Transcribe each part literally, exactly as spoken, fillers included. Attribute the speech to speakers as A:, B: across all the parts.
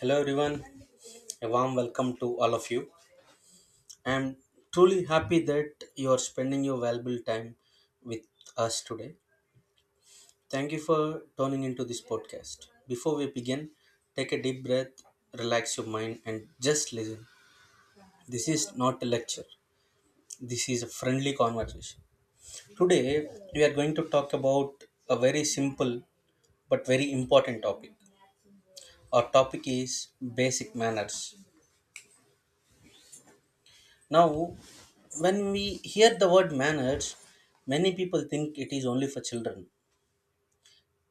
A: Hello everyone, a warm welcome to all of you. I am truly happy that you are spending your valuable time with us today. Thank you for tuning into this podcast. Before we begin, take a deep breath, relax your mind, and just listen. This is not a lecture, this is a friendly conversation. Today, we are going to talk about a very simple but very important topic. Our topic is basic manners. Now, when we hear the word manners, many people think it is only for children.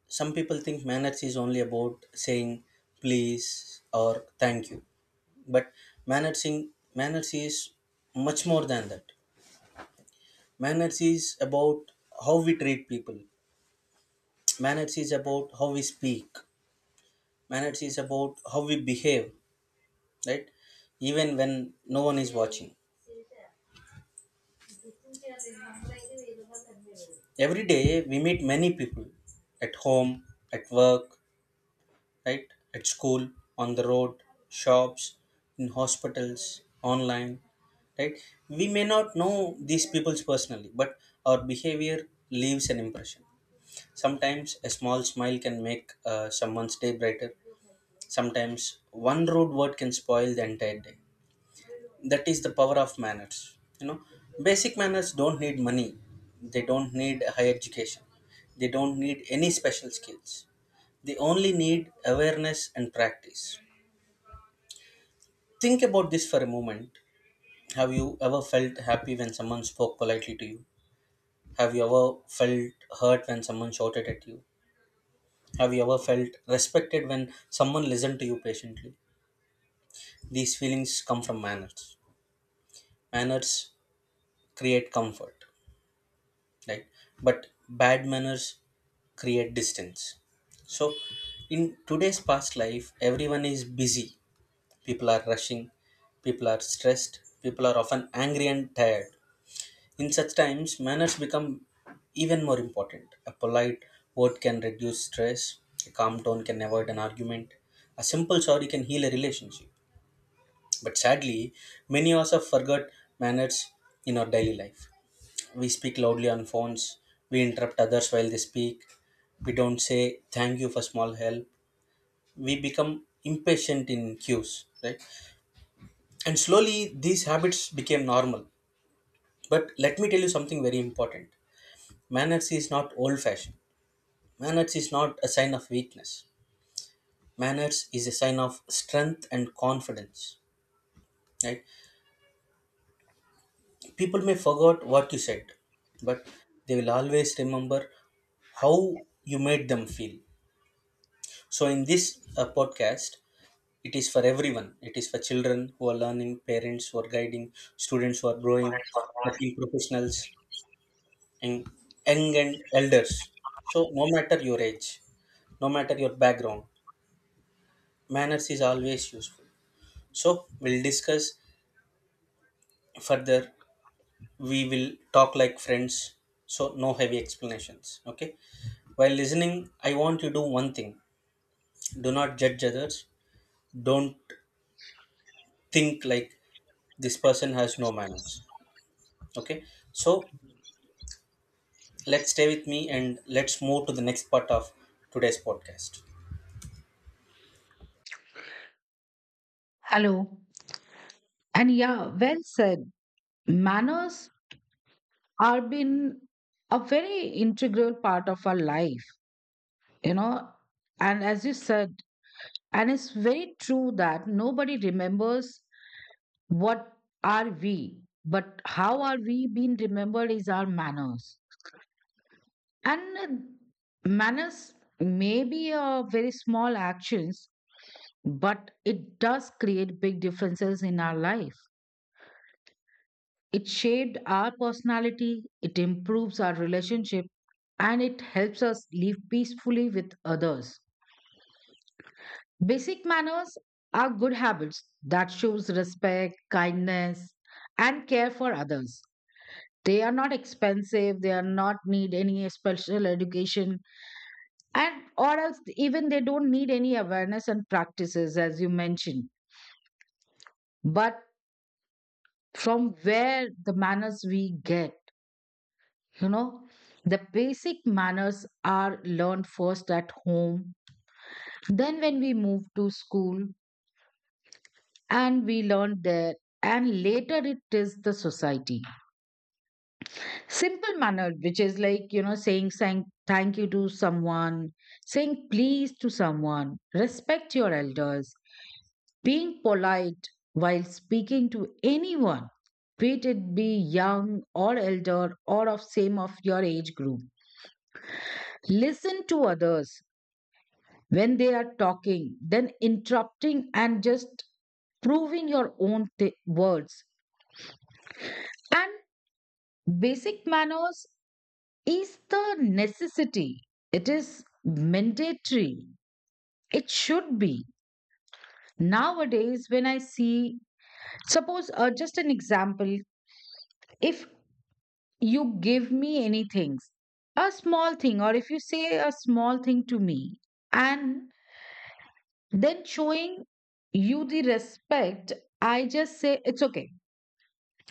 A: Some people think manners is only about saying please or thank you. But manners, in, manners is much more than that. Manners is about how we treat people. Manners is about how we speak. Manners is about how we behave, right? Even when no one is watching. Every day we meet many people at home, at work, right? At school, on the road, shops, in hospitals, online, right? We may not know these peoples personally, but our behavior leaves an impression. Sometimes a small smile can make uh, someone's day brighter. Sometimes one rude word can spoil the entire day. That is the power of manners. You know, basic manners don't need money. They don't need a higher education. They don't need any special skills. They only need awareness and practice. Think about this for a moment. Have you ever felt happy when someone spoke politely to you? Have you ever felt hurt when someone shouted at you? Have you ever felt respected when someone listened to you patiently? These feelings come from manners. Manners create comfort, right? But bad manners create distance. So, in today's past life, everyone is busy. People are rushing, people are stressed, people are often angry and tired. In such times, manners become even more important. A polite word can reduce stress, a calm tone can avoid an argument, a simple sorry can heal a relationship. But sadly, many of us have forgot manners in our daily life. We speak loudly on phones, we interrupt others while they speak, we don't say thank you for small help, we become impatient in queues, right? And slowly, these habits became normal. But let me tell you something very important. Manners is not old fashioned. Manners is not a sign of weakness. Manners is a sign of strength and confidence. Right? People may forget what you said, but they will always remember how you made them feel. So, in this uh, podcast, it is for everyone. It is for children who are learning, parents who are guiding, students who are growing, working professionals, and young and elders. So, no matter your age, no matter your background, manners is always useful. So we'll discuss further. We will talk like friends. So no heavy explanations. Okay. While listening, I want you to do one thing. Do not judge others. Don't think like this person has no manners. Okay. So let's stay with me and let's move to the next part of today's podcast.
B: Hello. And yeah, well said. Manners are been a very integral part of our life, you know. And as you said, and it's very true that nobody remembers what are we, but how are we being remembered is our manners. And uh, manners may be a very small actions, but it does create big differences in our life. It shaped our personality, it improves our relationship, and it helps us live peacefully with others. Basic manners are good habits that shows respect, kindness, and care for others. They are not expensive, they are not need any special education and or else even they don't need any awareness and practices as you mentioned. But from where the manners we get. You know, the basic manners are learned first at home, then when we move to school and we learn there, and later it is the society. Simple manner, which is like, you know, saying, saying thank you to someone, saying please to someone, respect your elders, being polite while speaking to anyone. Be it be young or elder or of same of your age group. Listen to others when they are talking, then interrupting and just proving your own th- words. And basic manners is the necessity, it is mandatory, it should be. Nowadays, when I see, suppose uh, just an example, if you give me anything, a small thing, or if you say a small thing to me, and then showing you the respect, I just say it's okay.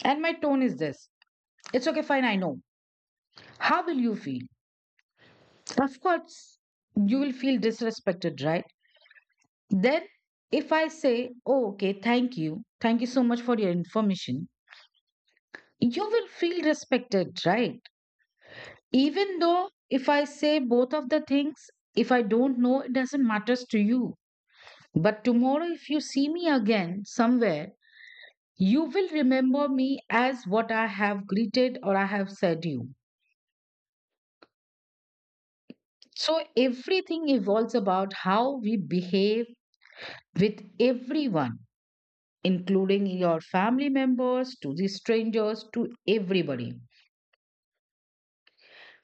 B: And my tone is this. It's okay, fine, I know. How will you feel? Of course, you will feel disrespected, right? Then, if I say, oh, okay, thank you, thank you so much for your information, you will feel respected, right? Even though if I say both of the things, if I don't know, it doesn't matters to you. But tomorrow, if you see me again somewhere, you will remember me as what I have greeted or I have said you. So everything evolves about how we behave with everyone, including your family members, to the strangers, to everybody.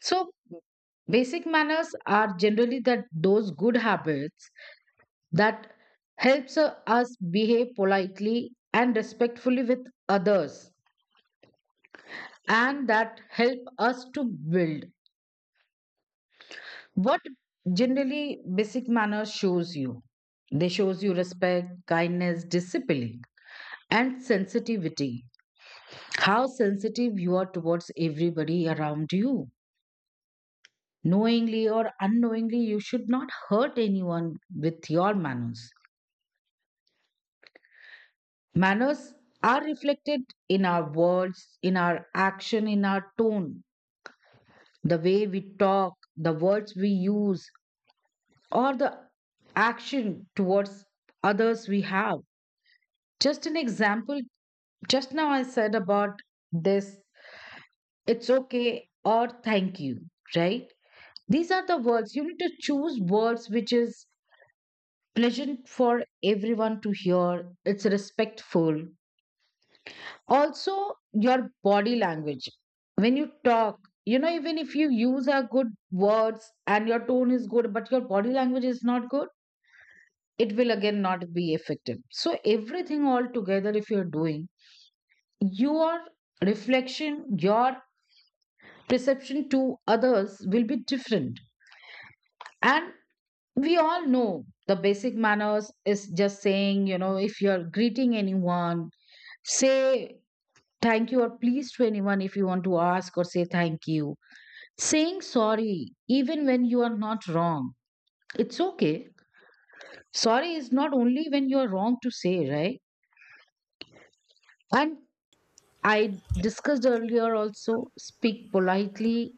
B: So basic manners are generally that those good habits that helps uh, us behave politely and respectfully with others and that help us to build what generally basic manners shows you, they shows you respect, kindness, discipline, and sensitivity. How sensitive you are towards everybody around you. Knowingly or unknowingly, you should not hurt anyone with your manners. Manners are reflected in our words, in our action, in our tone, the way we talk, the words we use, or the action towards others we have. Just an example, just now I said about this, it's okay or thank you, right? These are the words. You need to choose words which is pleasant for everyone to hear. It's respectful. Also, your body language. When you talk, you know, even if you use a good words and your tone is good, but your body language is not good, it will again not be effective. So everything all together, if you're doing, your reflection, your perception to others will be different. And we all know the basic manners is just saying, you know, if you're greeting anyone, say thank you or please to anyone if you want to ask or say thank you. Saying sorry, even when you are not wrong, it's okay. Sorry is not only when you're wrong to say, right? And I discussed earlier also speak politely,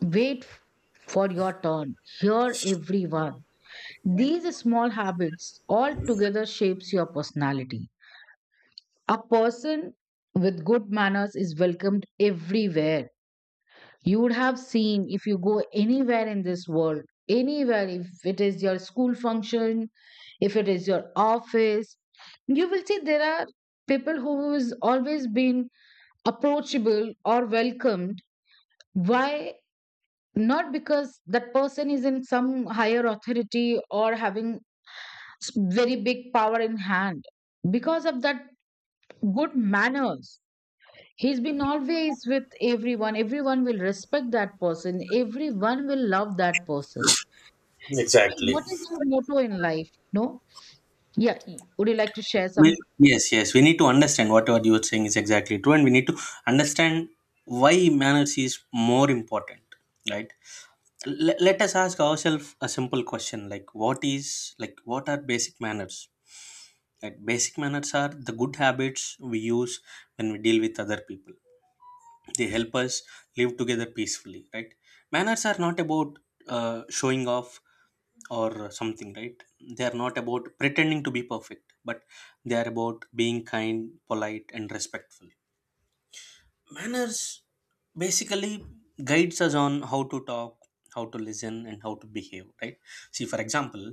B: wait f- for your turn, hear everyone. These small habits all together shapes your personality. A person with good manners is welcomed everywhere. You would have seen if you go anywhere in this world, anywhere, if it is your school function, if it is your office, you will see there are people who has always been approachable or welcomed. Why? Not because that person is in some higher authority or having s- very big power in hand. Because of that good manners, he's been always with everyone. Everyone will respect that person. Everyone will love that person.
A: Exactly.
B: What is your motto in life? No? Yeah. y- Would you like to share some?
A: Well, yes, yes, we need to understand whatever you are saying is exactly true, and we need to understand why manners is more important, right? L- let us ask ourselves a simple question, like what is, like what are basic manners, like basic manners are the good habits we use when we deal with other people. They help us live together peacefully, right? Manners are not about uh, showing off or something, right? They are not about pretending to be perfect, but they are about being kind, polite, and respectful. Manners basically guides us on how to talk, how to listen, and how to behave, right? See, for example,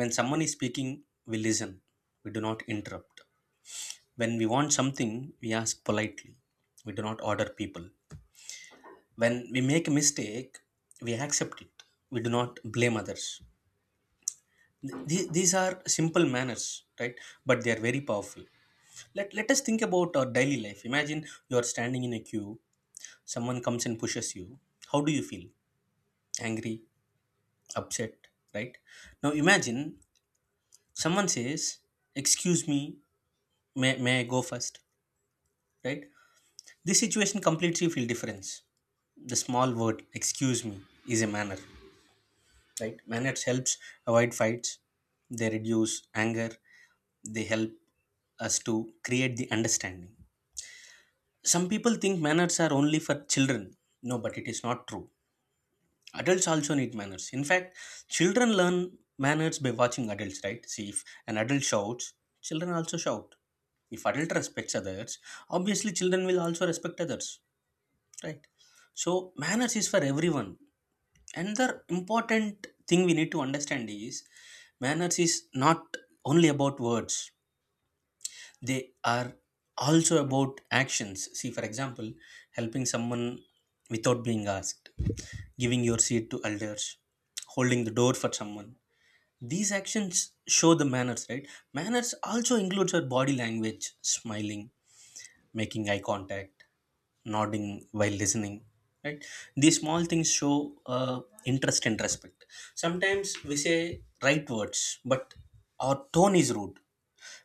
A: when someone is speaking, we listen. We do not interrupt. When we want something, we ask politely. We do not order people. When we make a mistake, we accept it. We do not blame others. Th- these are simple manners, right? But they are very powerful. Let, let us think about our daily life. Imagine you are standing in a queue, someone comes and pushes you. How do you feel? Angry, upset, right? Now imagine someone says, "Excuse me, may, may I go first?" Right? This situation completely feel difference. The small word "excuse me" is a manner, right? Manners helps avoid fights, they reduce anger, they help us to create the understanding. Some people think manners are only for children. No, but it is not true. Adults also need manners. In fact, children learn manners by watching adults, right? See, if an adult shouts, children also shout. If adult respects others, obviously children will also respect others, right? So manners is for everyone. And the important thing we need to understand is manners is not only about words, they are also about actions. See, for example, helping someone without being asked, giving your seat to elders, holding the door for someone. These actions show the manners, right? Manners also includes our body language, smiling, making eye contact, nodding while listening, right? These small things show uh, interest and respect. Sometimes we say right words but our tone is rude.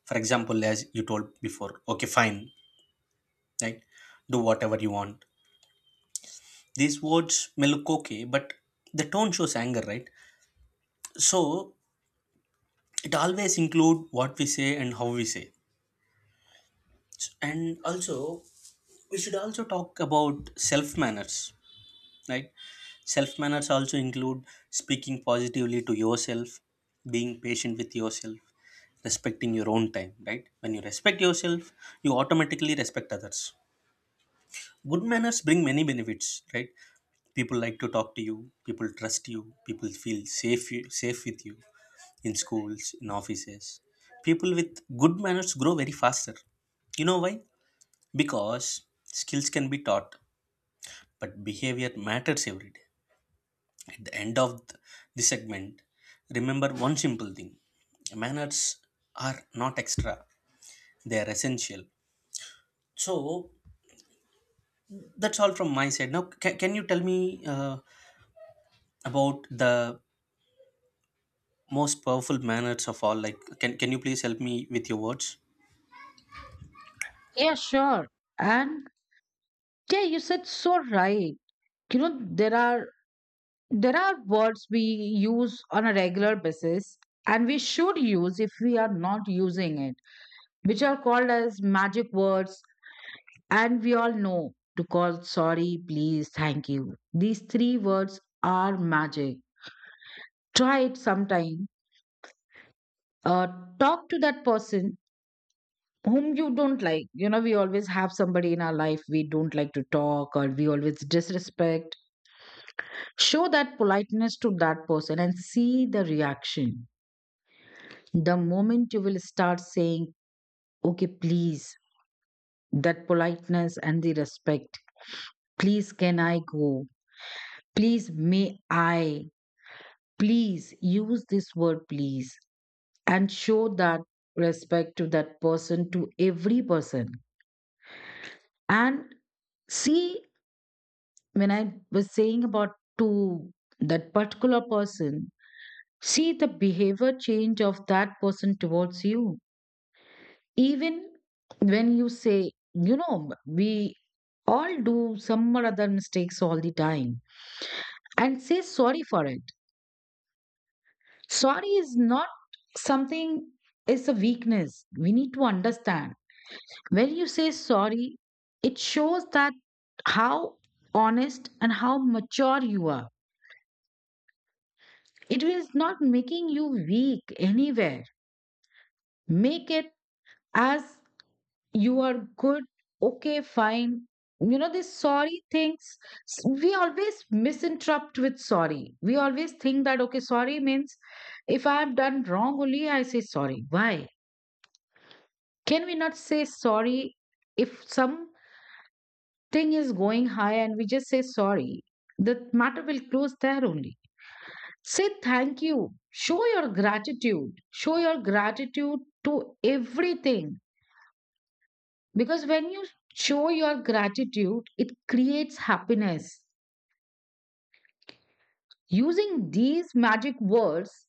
A: For example, as you told before, "Okay, fine, right? Do whatever you want." These words may look okay, but the tone shows anger, right? So it always include what we say and how we say it. And also, we should also talk about self manners, right? Self manners also include speaking positively to yourself, being patient with yourself, respecting your own time, right? When you respect yourself, you automatically respect others. Good manners bring many benefits, right? People like to talk to you, people trust you, people feel safe you, safe with you. In schools, in offices, people with good manners grow very faster. You know why? Because skills can be taught, but behavior matters every day. At the end of th- the segment, remember one simple thing: manners are not extra, they are essential. So that's all from my side. Now ca- can you tell me uh, about the most powerful manners of all, like can can you please help me with your words?
B: Yeah, sure. And yeah, you said so right. You know, there are there are words we use on a regular basis and we should use if we are not using it, which are called as magic words. And we all know to call sorry, please, thank you. These three words are magic. Try it sometime. Uh, talk to that person whom you don't like. You know, we always have somebody in our life we don't like to talk or we always disrespect. Show that politeness to that person and see the reaction. The moment you will start saying, okay, please, that politeness and the respect, please, can I go? Please, may I? Please use this word please and show that respect to that person, to every person. And see, when I was saying about to that particular person, see the behavior change of that person towards you. Even when you say, you know, we all do some or other mistakes all the time and say sorry for it. Sorry is not something, it's a weakness we need to understand. When you say sorry, it shows that how honest and how mature you are. It is not making you weak anywhere. Make it as you are good, okay, fine. You know, these sorry things, s- we always misinterpret with sorry. We always think that okay, sorry means if I have done wrong only I say sorry. Why can we not say sorry? If some thing is going high and we just say sorry, the matter will close there only. Say thank you. Show your gratitude. Show your gratitude to everything. Because when you show your gratitude, it creates happiness. Using these magic words,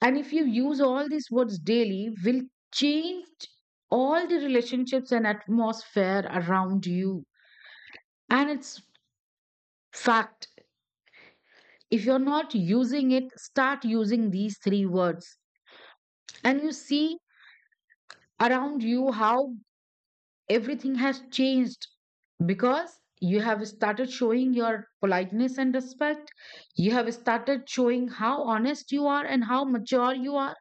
B: and if you use all these words daily, will change all the relationships and atmosphere around you. And it's fact. If you're not using it, start using these three words. And you see around you how everything has changed because you have started showing your politeness and respect. You have started showing how honest you are and how mature you are.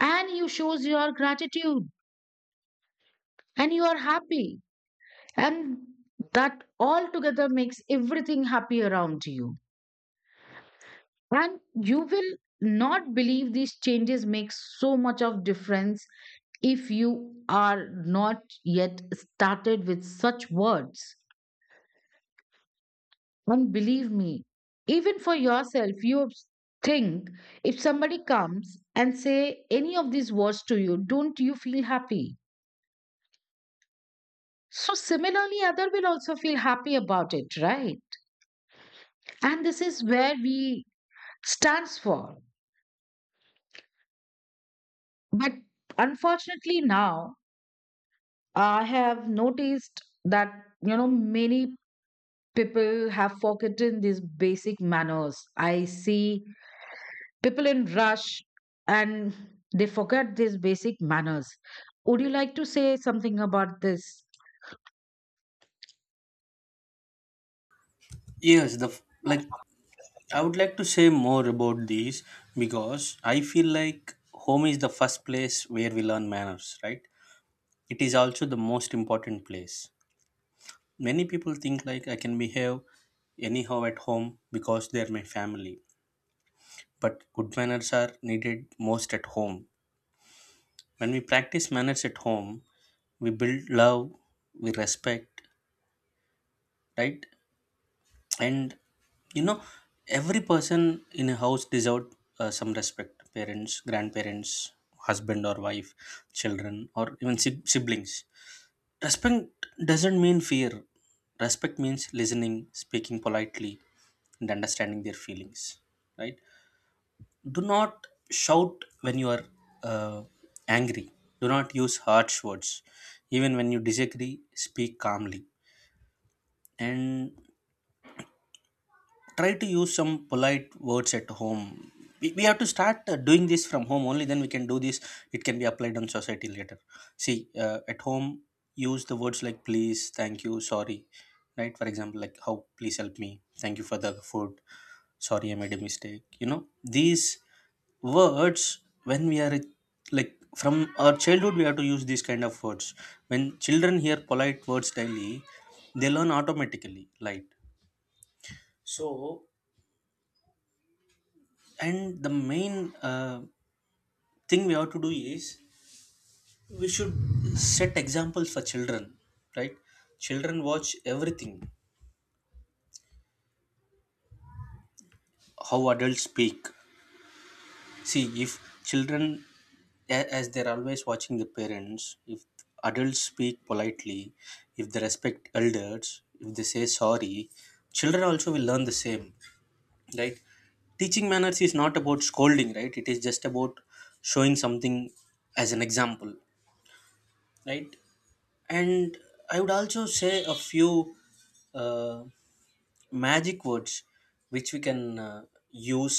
B: And you shows your gratitude and you are happy. And that all together makes everything happy around you. And you will not believe these changes make so much of difference if you are not yet started with such words. And believe me, even for yourself, you think, if somebody comes and say any of these words to you, don't you feel happy? So similarly other will also feel happy about it, right? And this is where we stands for. But unfortunately now I have noticed that, you know, many people have forgotten these basic manners. I see people in rush and they forget these basic manners. Would you like to say something about this?
A: Yes, the f- like I would like to say more about these because I feel like home is the first place where we learn manners, right? It is also the most important place. Many people think like I can behave anyhow at home because they are my family. But good manners are needed most at home. When we practice manners at home, we build love, we respect, right? And you know, every person in a house deserves uh, some respect: parents, grandparents, husband or wife, children, or even sib- siblings. Respect doesn't mean fear. Respect means listening, speaking politely, and understanding their feelings, right? Do not shout when you are uh, angry. Do not use harsh words. Even when you disagree, speak calmly, and try to use some polite words at home. We, we have to start uh, doing this from home, only then we can do this. It can be applied on society later. See, uh, at home, use the words like please, thank you, sorry. Right, for example, like, "How please help me," "Thank you for the food," "Sorry, I made a mistake," you know. These words, when we are like from our childhood, we have to use these kind of words. When children hear polite words daily, they learn automatically, right? And the main uh, thing we have to do is we should set examples for children, right? Children watch everything, how adults speak. See, if children, a- as they're always watching the parents, if adults speak politely, if they respect elders, if they say sorry, children also will learn the same, right? Teaching manners is not about scolding, right? It is just about showing something as an example, right? And I would also say a few uh, magic words which we can uh, use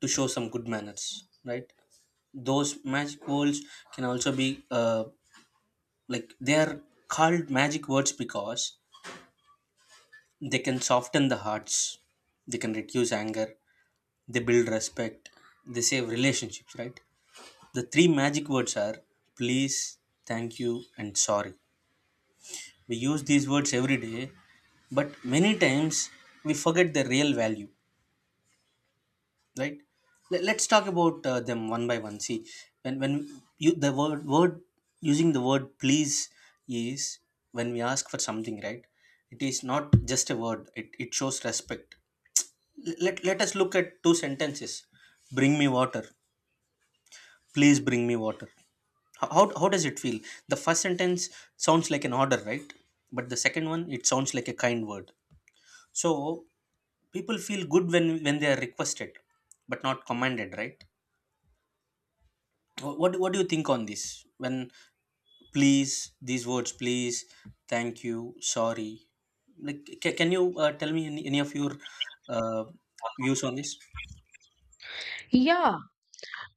A: to show some good manners, right? Those magic words can also be uh, like, they are called magic words because they can soften the hearts, they can reduce anger, they build respect, they save relationships, right? The three magic words are please, thank you, and sorry. We use these words every day, but many times we forget their real value, right? Let- Let's talk about uh, them one by one. See, when when you the word word using the word "please" is when we ask for something, right? It is not just a word. It it shows respect. Let let us look at two sentences. "Bring me water." "Please bring me water." How, how how does it feel? The first sentence sounds like an order, right? But the second one, it sounds like a kind word. So people feel good when when they are requested but not commanded, right? What what do you think on this? When please, these words please, thank you, sorry, like ca- can you uh, tell me any, any of your uh, views on this?
B: Yeah,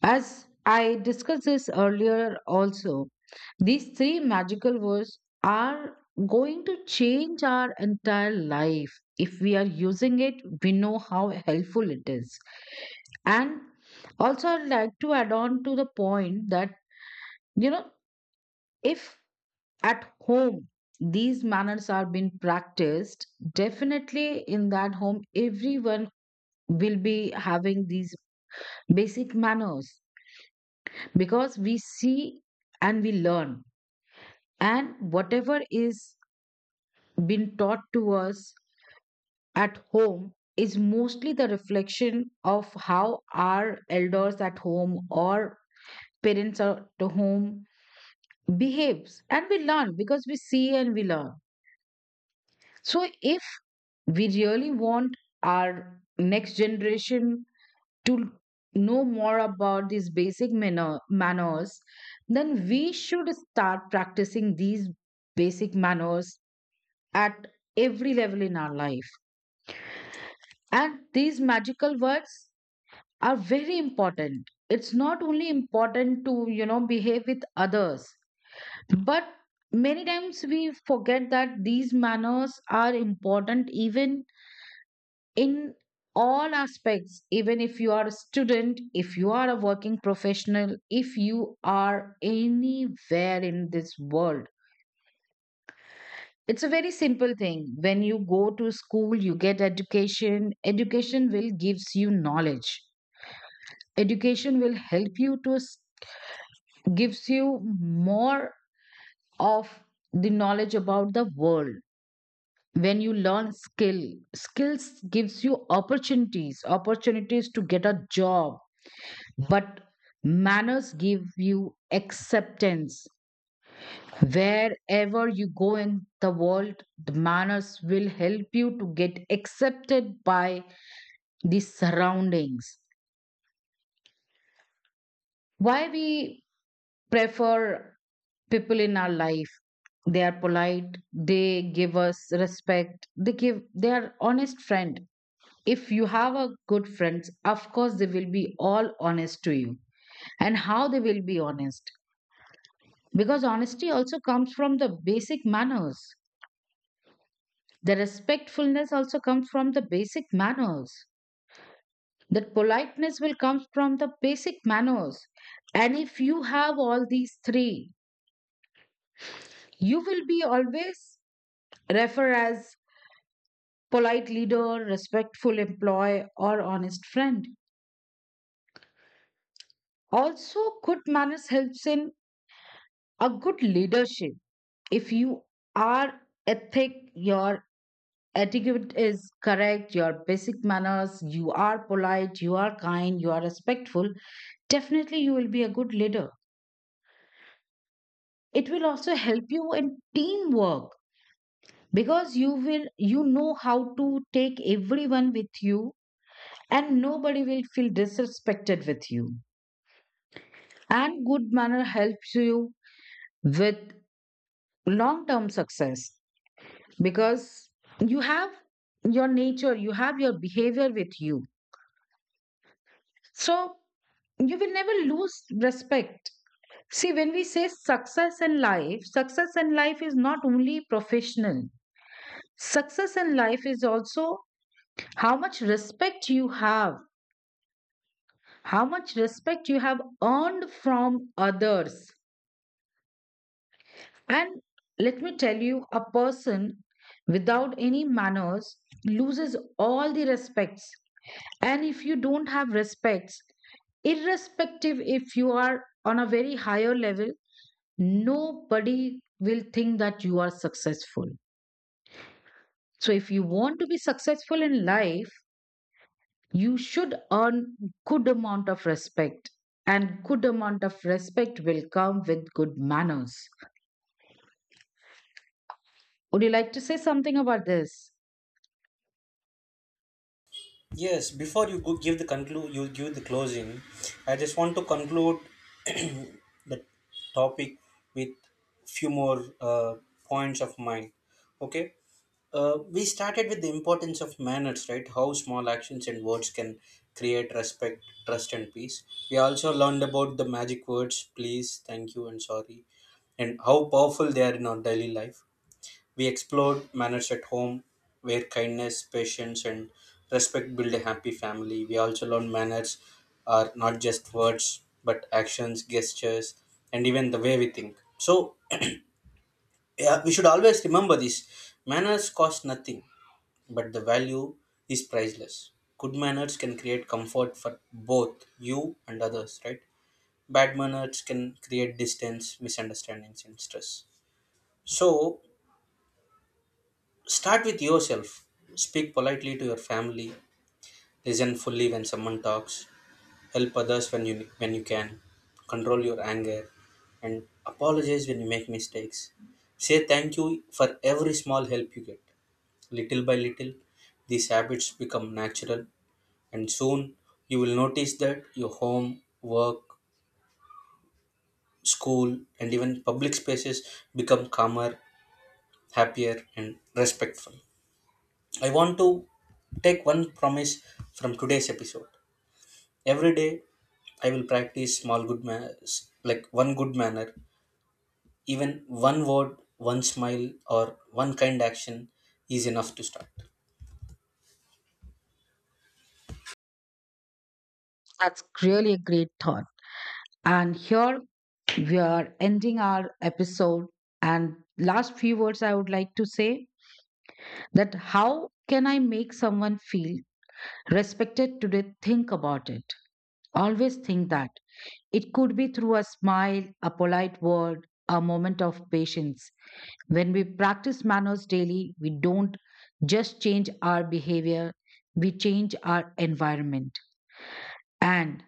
B: as I discussed this earlier also, these three magical words are going to change our entire life. If we are using it, we know how helpful it is. And also, I'd like to add on to the point that, you know, if at home these manners are being practiced, definitely in that home, everyone will be having these basic manners because we see and we learn. And whatever is being taught to us at home is mostly the reflection of how our elders at home or parents at home behaves and we learn because we see and we learn. So if we really want our next generation to know more about these basic manner, manners, then we should start practicing these basic manners at every level in our life. And these magical words are very important. It's not only important to, you know, behave with others. But many times we forget that these manners are important even in all aspects, even if you are a student, if you are a working professional, if you are anywhere in this world. It's a very simple thing. When you go to school, you get education. Education will gives you knowledge. Education will help you to s- gives you more of the knowledge about the world. When you learn skill skills gives you opportunities, opportunities to get a job. But manners give you acceptance wherever you go in the world. The manners will help you to get accepted by the surroundings. Why we prefer people in our life? They are polite, they give us respect, they give, they are honest friend. If you have a good friends, of course they will be all honest to you. And how they will be honest? Because honesty also comes from the basic manners, the respectfulness also comes from the basic manners, that politeness will come from the basic manners. And if you have all these three, you will be always refer as polite leader, respectful employee, or honest friend. Also, good manners helps in a good leadership. If you are ethic, your etiquette is correct, your basic manners, you are polite, you are kind, you are respectful, definitely you will be a good leader. It will also help you in teamwork because you will you know how to take everyone with you and nobody will feel disrespected with you. And good manner helps you with long term success because you have your nature, you have your behavior with you. So you will never lose respect. See, when we say success in life, success in life is not only professional, success in life is also how much respect you have, how much respect you have earned from others. And let me tell you, a person without any manners loses all the respects. And if you don't have respects, irrespective if you are on a very higher level, nobody will think that you are successful. So if you want to be successful in life, you should earn good amount of respect, and good amount of respect will come with good manners. Would you like to say something about this?
A: Yes, before you go give the conclude, you give the closing. I just want to conclude the topic with few more uh, points of mine. Okay. Uh, we started with the importance of manners, right? How small actions and words can create respect, trust, and peace. We also learned about the magic words please, thank you, and sorry, and how powerful they are in our daily life. We explored manners at home, where kindness, patience, and respect build a happy family. We also learned manners are not just words, but actions, gestures, and even the way we think. So, yeah, we should always remember this: manners cost nothing, but the value is priceless. Good manners can create comfort for both you and others, right? Bad manners can create distance, misunderstandings, and stress. So, start with yourself. Speak politely to your family. Listen fully when someone talks. Help others when you when you can. Control your anger and apologize when you make mistakes. Say thank you for every small help you get. Little by little, these habits become natural, and soon you will notice that your home, work, school, and even public spaces become calmer, happier, and respectful. I want to take one promise from today's episode. Every day, I will practice small good manners, like one good manner, even one word, one smile, or one kind action is enough to start.
B: That's really a great thought. And here we are ending our episode. And last few words I would like to say, that how can I make someone feel respected today? Think about it. Always think that. It could be through a smile, a polite word, a moment of patience. When we practice manners daily, we don't just change our behavior, we change our environment. And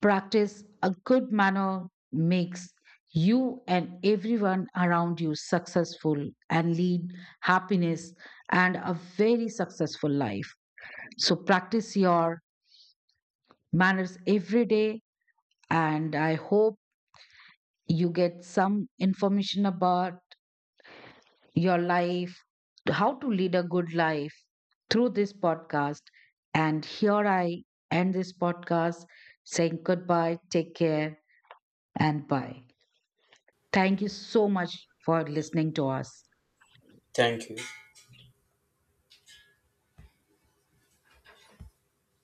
B: practice a good manner makes you and everyone around you successful and lead happiness and a very successful life. So practice your manners every day, and I hope you get some information about your life, how to lead a good life through this podcast. And here I end this podcast saying goodbye, take care, and bye. Thank you so much for listening to us.
A: Thank you.